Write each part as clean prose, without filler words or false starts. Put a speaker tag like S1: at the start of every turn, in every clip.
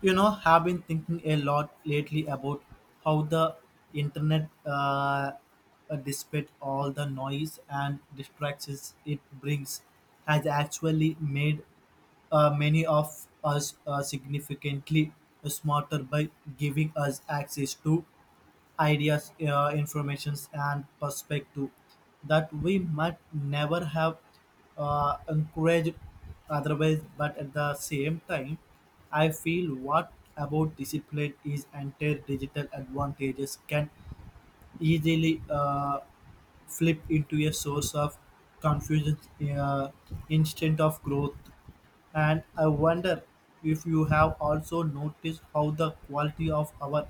S1: You know, have been thinking a lot lately about how the internet, despite all the noise and distractions it brings, has actually made many of us significantly smarter by giving us access to ideas, informations, and perspective that we might never have encouraged otherwise. But at the same time, I feel what about discipline is entire digital advantages can easily. Flip into a source of confusion uh, instead of growth. And I wonder if you have also noticed how the quality of our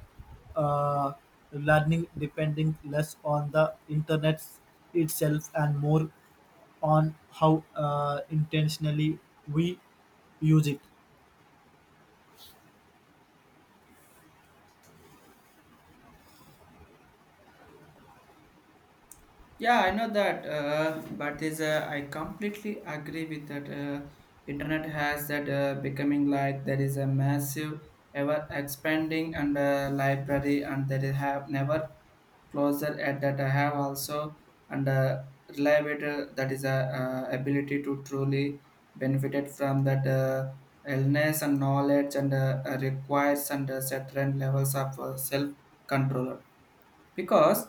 S1: uh, learning depending less on the internet itself and more on how intentionally we use it.
S2: Yeah, I know that, but is I completely agree with that. Internet has that becoming like there is a massive, ever expanding and library, and there is have never closer at that I have also and reliable that is a ability to truly benefited from that illness and knowledge and requires and certain levels of self control because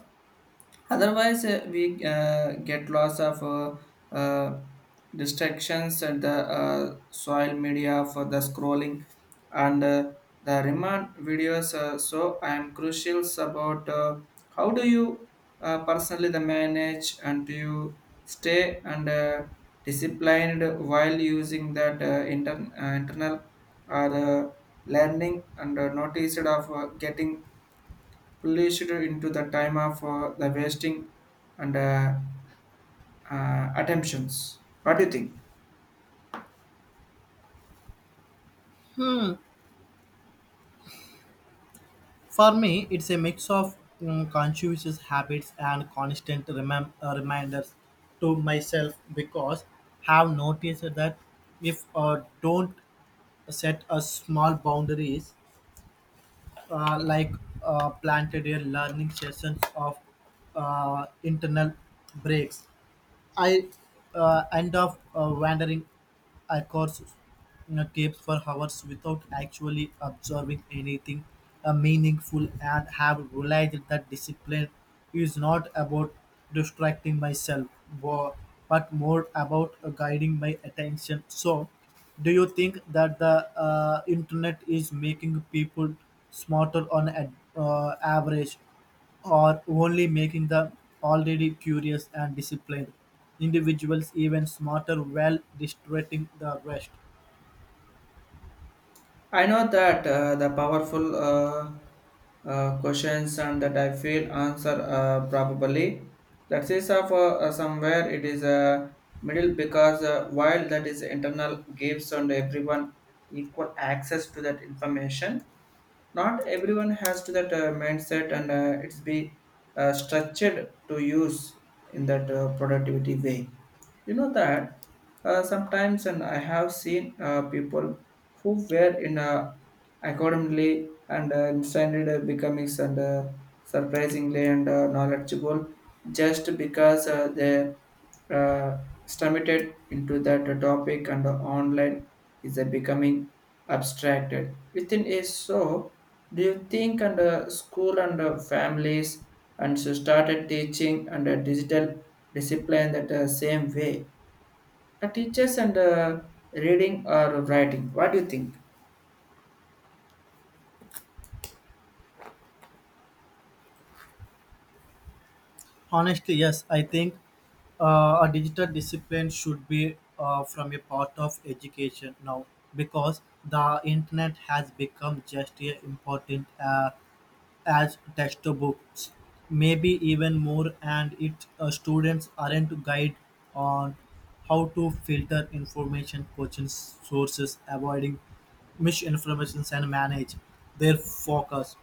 S2: otherwise, we get lots of uh, distractions and the soil media for the scrolling and the remand videos. So I am crucial about how do you personally the manage and do you stay and disciplined while using that internal or learning and noticed of getting placed into the time of the wasting and attentions. What do you think?
S1: For me, it's a mix of conscious habits and constant reminders to myself because have noticed that if don't set a small boundaries like planted a learning sessions of internal breaks I end up wandering across tapes for hours without actually observing anything meaningful and have realized that discipline is not about distracting myself wo- but more about guiding my attention. So, do you think that the internet is making people smarter on average? Are only making the already curious and disciplined individuals even smarter while distracting the rest.
S2: I know that the powerful questions and that I feel answer probably that is of somewhere it is a middle because while that is internal gives and everyone equal access to that information not everyone has to that mindset and it's be structured to use in that productivity way. You know that sometimes and I have seen people who were in accordingly and instead becoming and surprisingly and knowledgeable just because they uh, stumbled into that topic and the online is becoming abstracted within a so do you think and school and families and so started teaching and digital discipline that same way? The teachers and reading or writing. What do you think?
S1: Honestly, yes, I think a digital discipline should be from a part of education now because the internet has become just as important as textbooks, maybe even more, and it students aren't guide on how to filter information, coaching sources, avoiding misinformations, and manage their focus.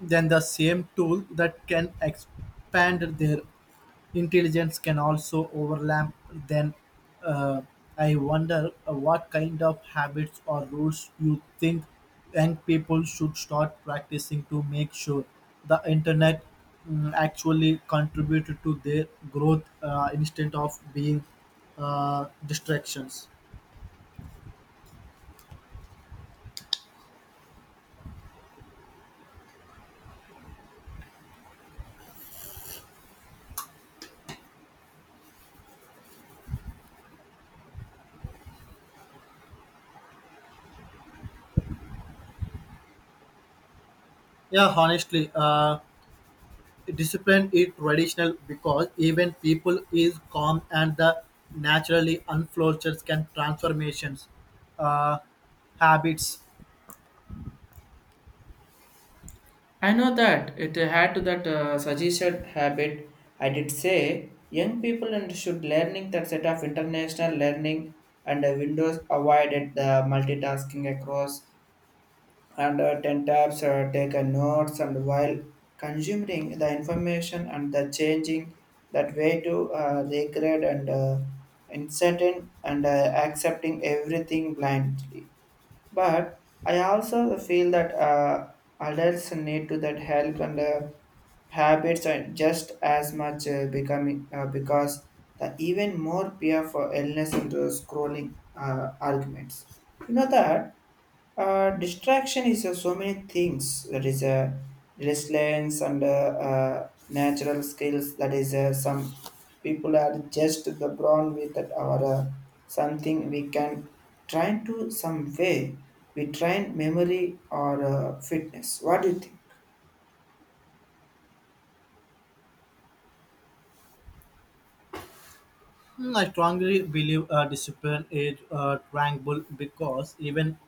S1: Then the same tool that can expand their intelligence can also overlap then uh, I wonder what kind of habits or rules you think young people should start practicing to make sure the internet actually contributed to their growth instead of being distractions yeah honestly Discipline is traditional because even people is calm and the naturally unflourishes can transformations uh, habits.
S2: I know that it had to that suggested habit. I did say young people and should learning that set of international learning and windows avoided the multitasking across and 10 tabs take a notes and while consuming the information and the changing that way to regret and uncertain and accepting everything blindly, but I also feel that adults need to that help and habits are just as much becoming because the even more peer for illness and scrolling arguments. You know that distraction is so many things. That is a resilience and natural skills. That is some people are just the born with that our something we can try to some way. We train memory or fitness. What do you think?
S1: Hmm, I strongly believe discipline is tranquil because even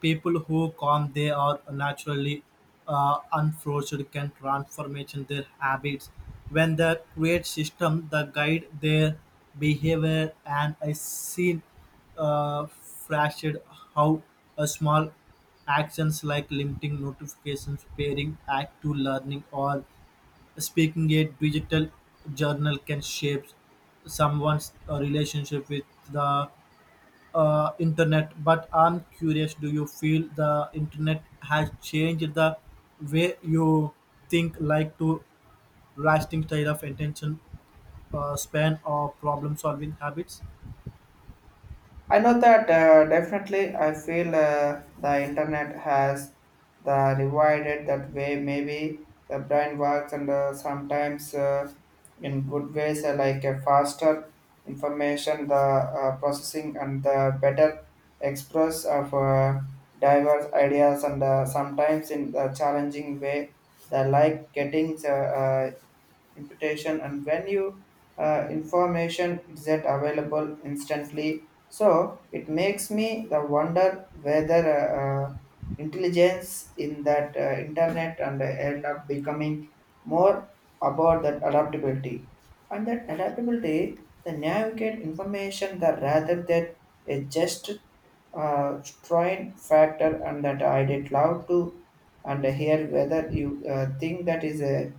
S1: people who calm they are naturally unforced can transformation their habits when the create system the guide their behavior and I seen uh, flashed how a small actions like limiting notifications pairing act to learning or Speaking a digital journal can shape someone's relationship with the internet. But I'm curious, do you feel the internet has changed the way you think, like to lasting style of attention span or problem solving habits?
S2: I know that definitely I feel the internet has the divided that way. Maybe the brain works and sometimes in good ways like a faster information, the processing and the better express of diverse ideas and sometimes in the challenging way. The like getting imputation and when you information is that available instantly, so it makes me the wonder whether intelligence in that internet and end up becoming more about that adaptability and that adaptability the navigate information that rather than a just strain factor and that I did love to and hear whether you think that is a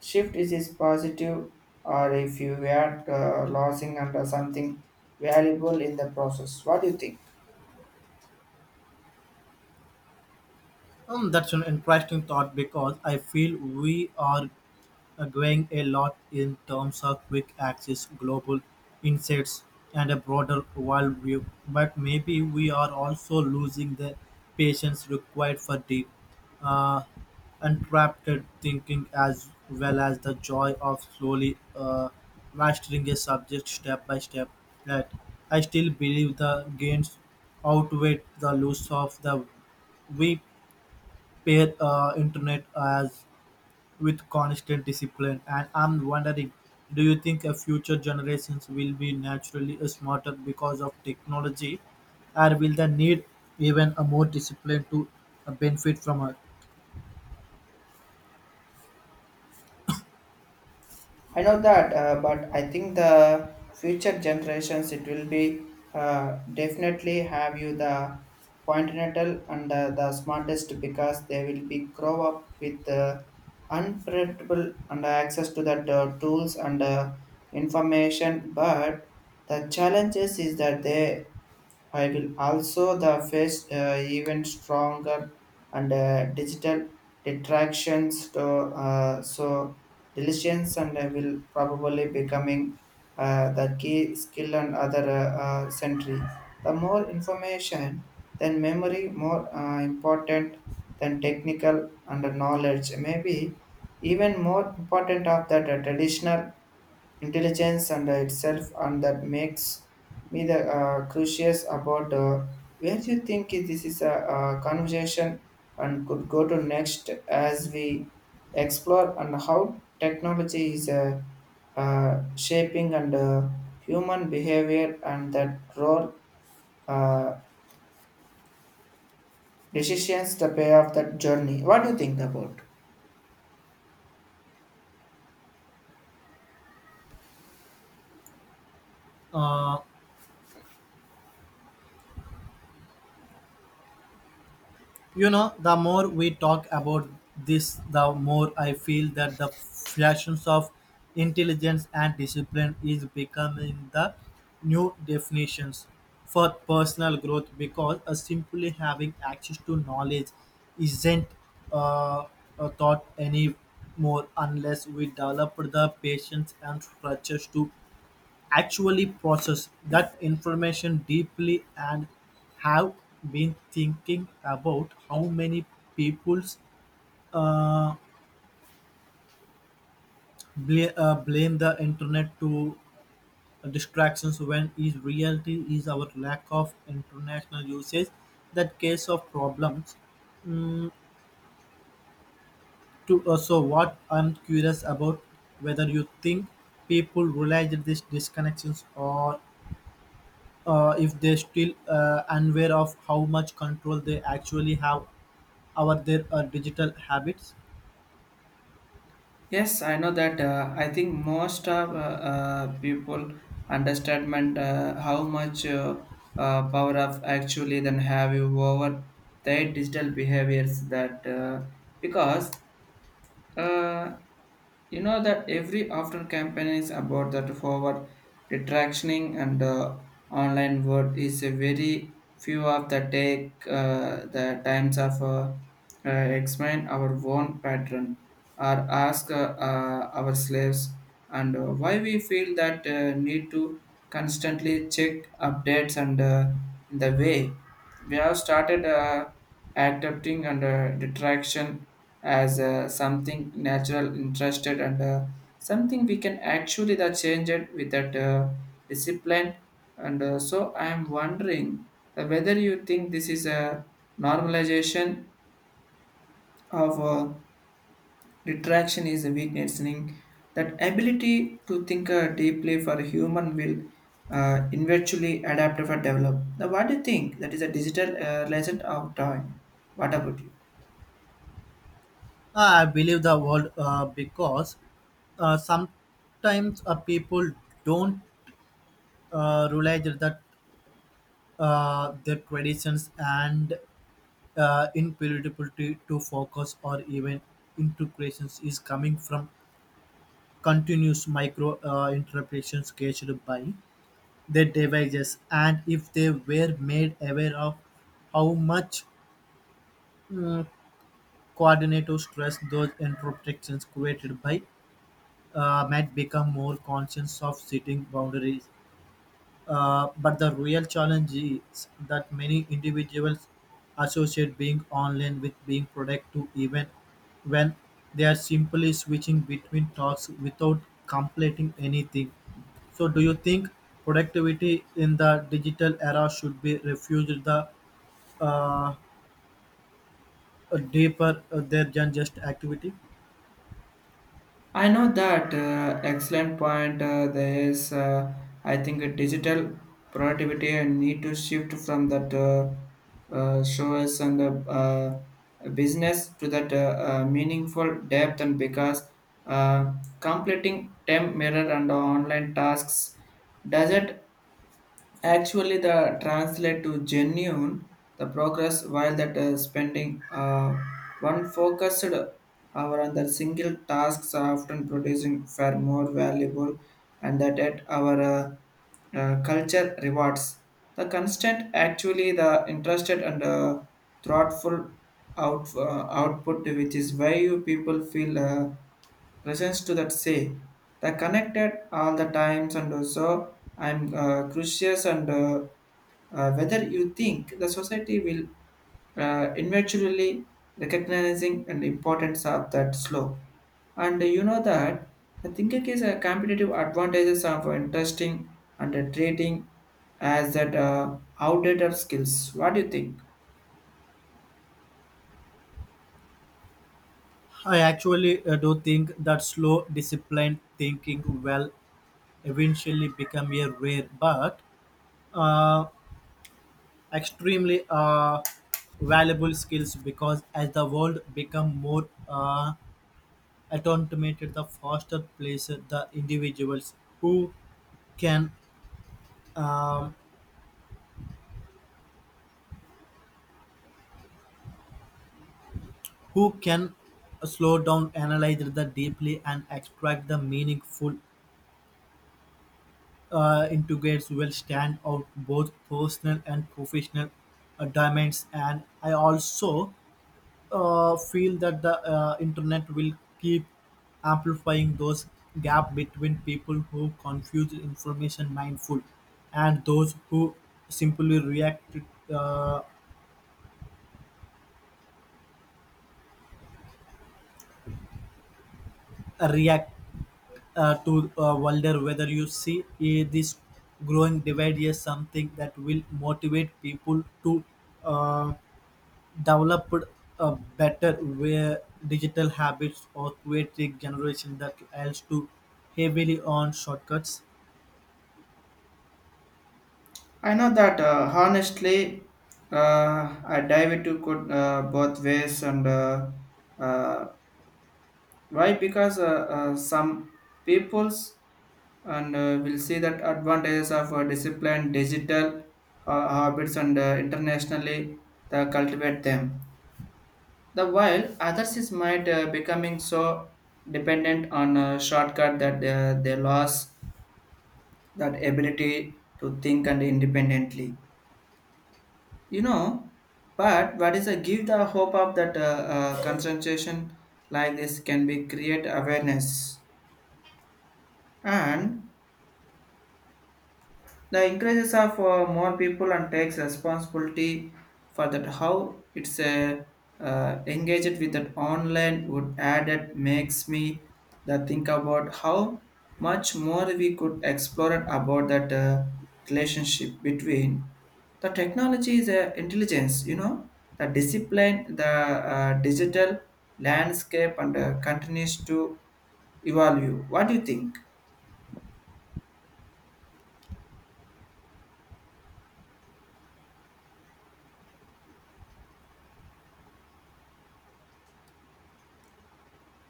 S2: shift is positive or if you are losing under something valuable in the process. What do you think?
S1: That's an interesting thought because I feel we are Growing a lot in terms of quick-access global insights and a broader worldview, but maybe we are also losing the patience required for deep, uh, unprompted thinking as well as the joy of slowly mastering a subject step by step. Right. I still believe the gains outweigh the loss of the we pair internet as with constant discipline. And I'm wondering, do you think a future generations will be naturally smarter because of technology, or will they need even a more discipline to benefit from it?
S2: I know that but I think the future generations it will be definitely have you the pointinatal and the smartest because they will be grow up with unpredictable and access to the tools and information but the challenges is that they I will also the face even stronger and digital detractions to so diligence and I will probably becoming the key skill and other century. The more information, then memory more important than technical and knowledge. Maybe even more important of that traditional intelligence and itself and that makes me the curious about where you think this is a, conversation and could go to next as we explore and how technology is shaping and human behavior and that role uh, decisions the payoff that journey. What do you think about?
S1: Uh, You know, the more we talk about this, the more I feel that the fashions of intelligence and discipline is becoming the new definitions for personal growth because simply having access to knowledge isn't uh, a thought anymore unless we develop the patience and structures to actually process that information deeply and have been thinking about how many people's uh, blame the internet to distractions when in reality is our lack of international usage that case of problems to so what I'm curious about whether you think people realize these disconnections or if they still unaware of how much control they actually have over their digital habits.
S2: Yes, I know that. I think most of people understand how much power of actually then have you over their digital behaviors that because uh, you know that every after campaign is about that forward detractioning and online word is a very few of the take the times of explain our own pattern or ask our slaves and why we feel that need to constantly check updates and in the way we have started adapting and detraction as something natural interested and something we can actually that change it with that discipline and so I am wondering that whether you think this is a normalization of detraction is a weakening that ability to think deeply for human will eventually adapt or develop now. What do you think that is a digital lesson of time? What about you?
S1: I believe the world because sometimes people don't realize that their traditions and inability to focus or even integrations is coming from continuous micro interpretations gauged by their devices and if they were made aware of how much mm, coordinator stress those interruptions created by might become more conscious of setting boundaries but the real challenge is that many individuals associate being online with being productive even when they are simply switching between tasks without completing anything. So, do you think productivity in the digital era should be refused the uh, deeper there than just activity?
S2: I know that excellent point. There is, I think, a digital productivity and need to shift from that shows and business to that meaningful depth and because uh, completing temp mirror and online tasks doesn't actually, the translate to genuine the progress while that spending one focused hour on the single tasks are often producing far more valuable and that at our culture rewards the constant actually the interested and thoughtful output, which is why you people feel presence to that say. They connected all the times, and also I'm curious and whether you think the society will eventually recognizing and importance of that slow. And you know that the thinking is a competitive advantages of interesting and trading as that outdated skills. What do you think?
S1: I actually do think that slow, disciplined thinking will eventually become a rare but uh, extremely valuable skills because as the world become more automated the faster place the individuals who can um, who can slow down analyze the deeply and extract the meaningful integrates will stand out both personal and professional dimensions. And I also feel that the internet will keep amplifying those gap between people who confuse information mindful and those who simply react to wonder whether you see this growing divide is something that will motivate people to uh, develop a better where digital habits or create a generation that else to heavily on shortcuts.
S2: I know that honestly, I dive into good, both ways, and uh, why? Because some peoples and will see that advantages of discipline, digital habits, and internationally the cultivate them. The while others is might becoming so dependent on a shortcut that they lost that ability to think and independently. You know, but what is a give the hope of that concentration like this can be create awareness and the increases of more people and takes responsibility for that how it's engaged with that online would add. It makes me the think about how much more we could explore it about that relationship between the technology is a intelligence. You know the discipline the digital landscape and continues to evolve. What do you think?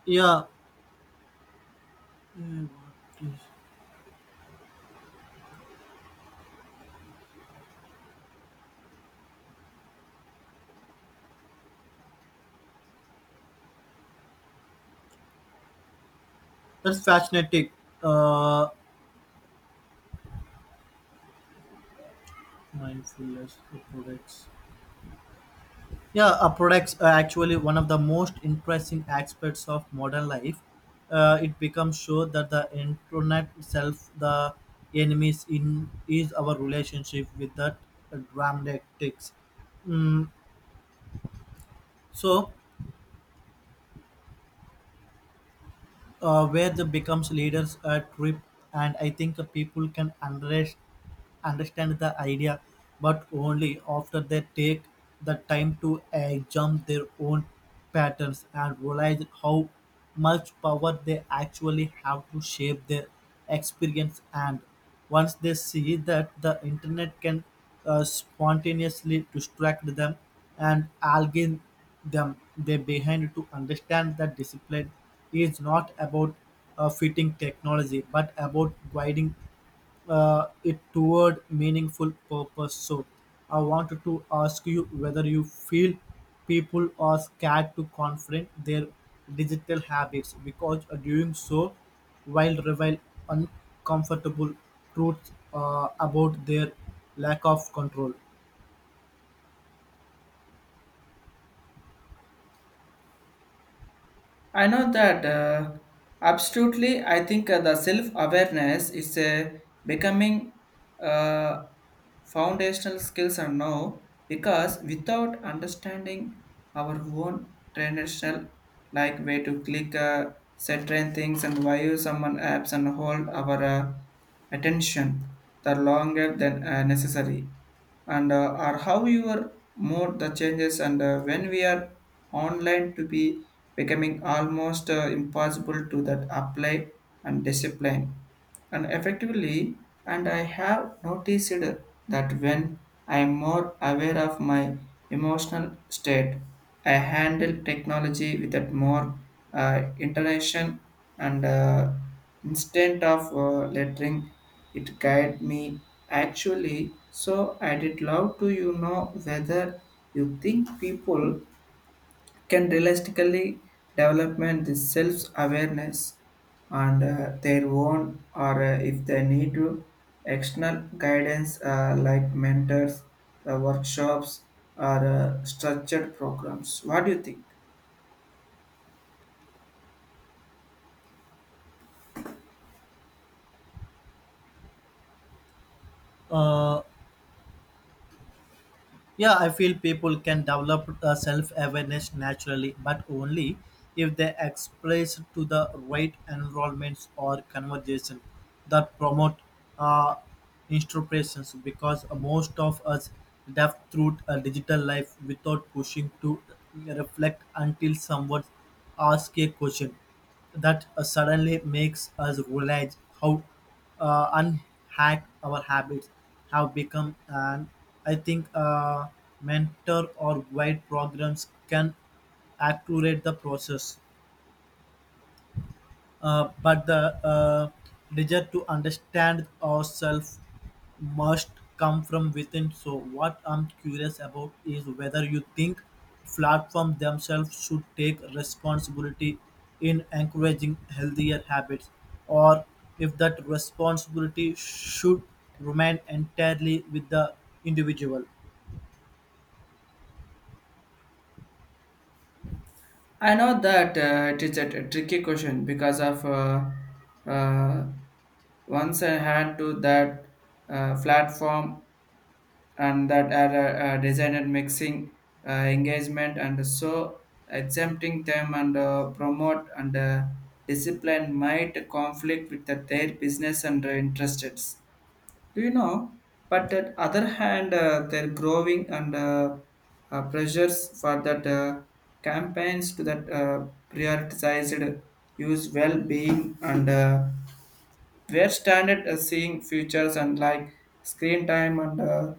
S1: Yeah, mm, what is- that's fascinating. Uh, Mindfulness products. Yeah, products are actually one of the most interesting aspects of modern life. It becomes sure that the internet itself, the enemies in is our relationship with that dramatics. Mm, so, where the becomes leaders a trip, and I think people can underestimate understand the idea, but only after they take the time to examine their own patterns and realize how much power they actually have to shape their experience. And once they see that the internet can spontaneously distract them and algae them, they behind to understand that discipline is not about fitting technology but about guiding it toward meaningful purpose. So, I wanted to ask you whether you feel people are scared to confront their digital habits because doing so while reveal uncomfortable truths about their lack of control.
S2: I know that absolutely. I think the self awareness is becoming uh, foundational skills are now because without understanding our own traditional, like way to click certain things and why use someone apps and hold our attention the longer than necessary and or how your mode the changes and when we are online to be becoming almost impossible to that apply and discipline and effectively. And I have noticed that when I am more aware of my emotional state, I handle technology with that more intention and instead of lettering it guide me actually, so I did love to you know whether you think people can realistically development this self-awareness and their own or if they need to external guidance like mentors, the workshops or structured programs. What do you think?
S1: Uh, Yeah, I feel people can develop self awareness naturally, but only if they express to the right enrollments or conversation that promote uh, introspections because most of us deaf through a digital life without pushing to reflect until someone asks a question that suddenly makes us realize how unhack our habits have become and I think mentor or guide programs can accelerate the process but the desire to understand ourselves must come from within. So, what I'm curious about is whether you think platforms themselves should take responsibility in encouraging healthier habits, or if that responsibility should remain entirely with the individual.
S2: I know that it is a tricky question because of uh, once I had to that platform and that are designed mixing engagement and so exempting them and promote and discipline might conflict with their business and interests. Do you know? But at other hand, they're growing and pressures for that campaigns to that prioritized use well-being and where standard seeing futures and like screen time and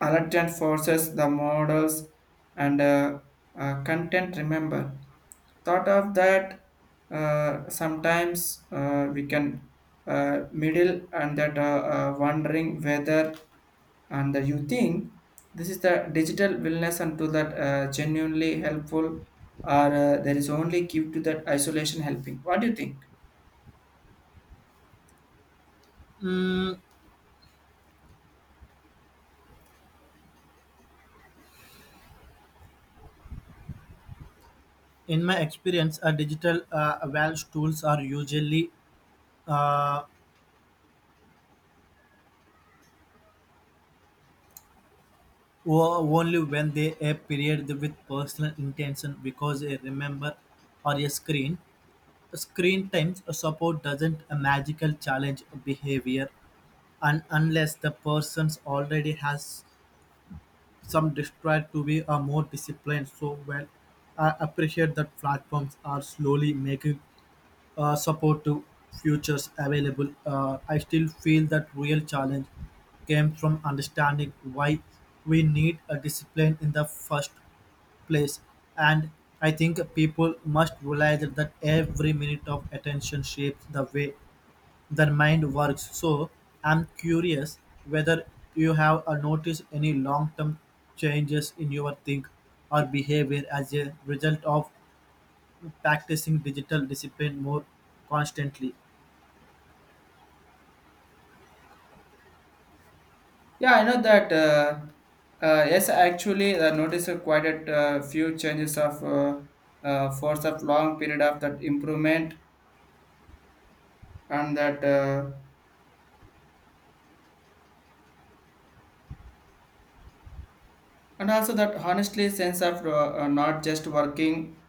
S2: alert forces, the models, and content remember. Thought of that sometimes we can middle and that wondering whether and that you think this is the digital wellness and to that genuinely helpful or there is only give to that isolation helping. What do you think?
S1: In my experience, digital wealth tools are usually uh, only when they appear with personal intention because a remember or a screen times support doesn't a magical challenge behavior and unless the person's already has some desire to be a more disciplined so well I appreciate that platforms are slowly making support to futures available I still feel that real challenge came from understanding why we need a discipline in the first place and I think people must realize that every minute of attention shapes the way their mind works so I'm curious whether you have noticed any long-term changes in your think or behavior as a result of practicing digital discipline more constantly.
S2: Yeah, I know that. Yes, actually, I noticed quite a few changes of force of long period of that improvement and that, and also that honestly sense of not just working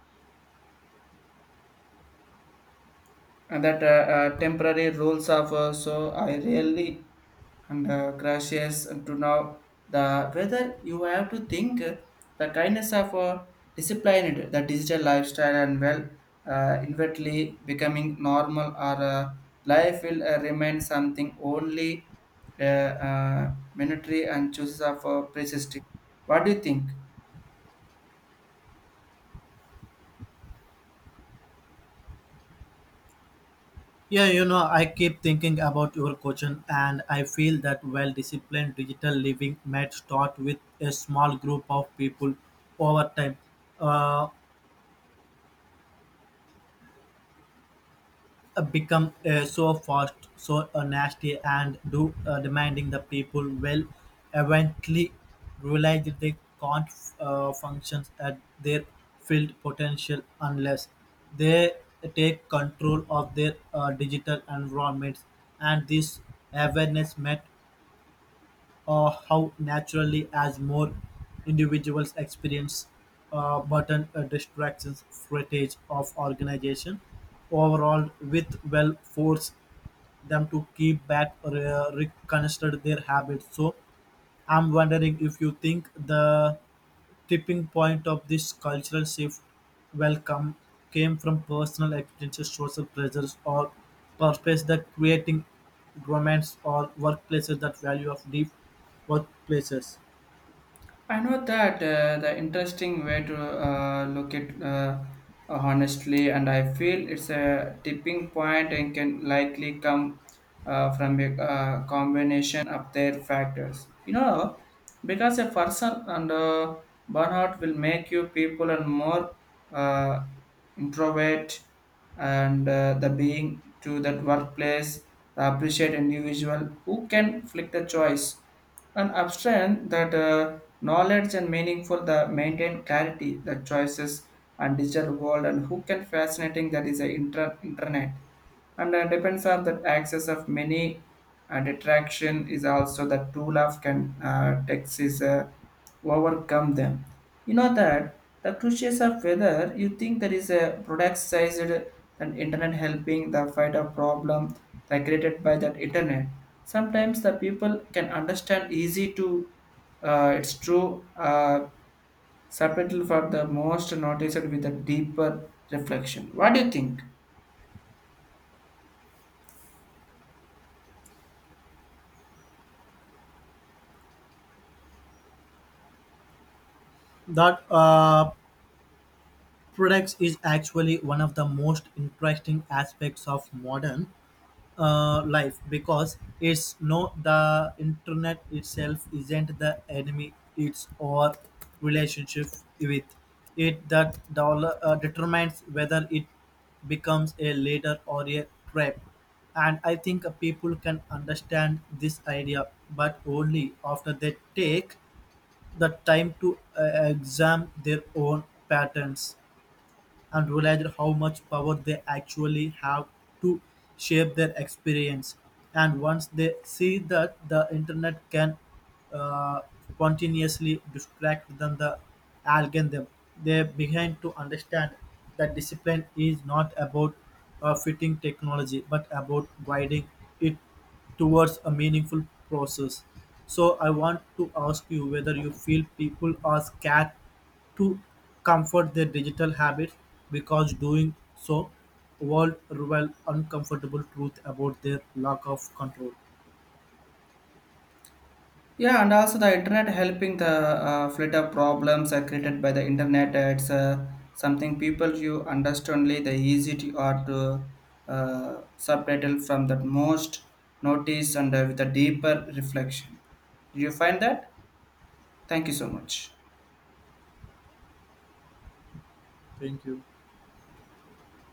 S2: and that temporary rules of so I really and crashes to now the whether you have to think the kindness of disciplined the digital lifestyle and well invertly becoming normal or life will remain something only monetary and choices of persisting. What do you think?
S1: Yeah, you know, I keep thinking about your question, and I feel that well disciplined digital living might start with a small group of people over time, uh, become so fast, so nasty, and do demanding the people will eventually realize that they can't function at their field potential unless they take control of their digital environments and this awareness might how naturally as more individuals experience button distractions footage of organization overall with well force them to keep back or reconstruct their habits so I'm wondering if you think the tipping point of this cultural shift well come, came from personal experiences, social pressures, or purpose that creating romance or workplaces that value of deep workplaces.
S2: I know that the interesting way to look at honestly, and I feel it's a tipping point and can likely come from a combination of their factors. You know, because a person under burnout will make you people and more uh, introvert and the being to that workplace, the appreciate individual who can flick the choice and abstain that. Knowledge and meaningful the maintain clarity the choices and digital world and who can fascinating that is the internet and depends on that access of many detraction is also the tool of can taxes overcome them. You know that the crucial of whether you think there is a product sized than internet helping the fight a problem that created by that internet. Sometimes the people can understand easy to it's true subtitle for the most noticed with a deeper reflection. What do you think?
S1: That products is actually one of the most interesting aspects of modern life because it's no the internet itself isn't the enemy it's our relationship with it that dollar, determines whether it becomes a leader or a trap and I think people can understand this idea but only after they take the time to examine their own patterns and realized how much power they actually have to shape their experience. And once they see that the internet can uh, continuously distract them, the algorithm, them, they begin to understand that discipline is not about fitting technology but about guiding it towards a meaningful process. So I want to ask you whether you feel people are scared to comfort their digital habits because doing so would reveal uncomfortable truth about their lack of control.
S2: Yeah, and also the internet helping the filter problems are created by the internet. It's something people you understandly the easy to or to subtitle from that most notice and with a deeper reflection. Do you find that? Thank you so much.
S1: Thank you.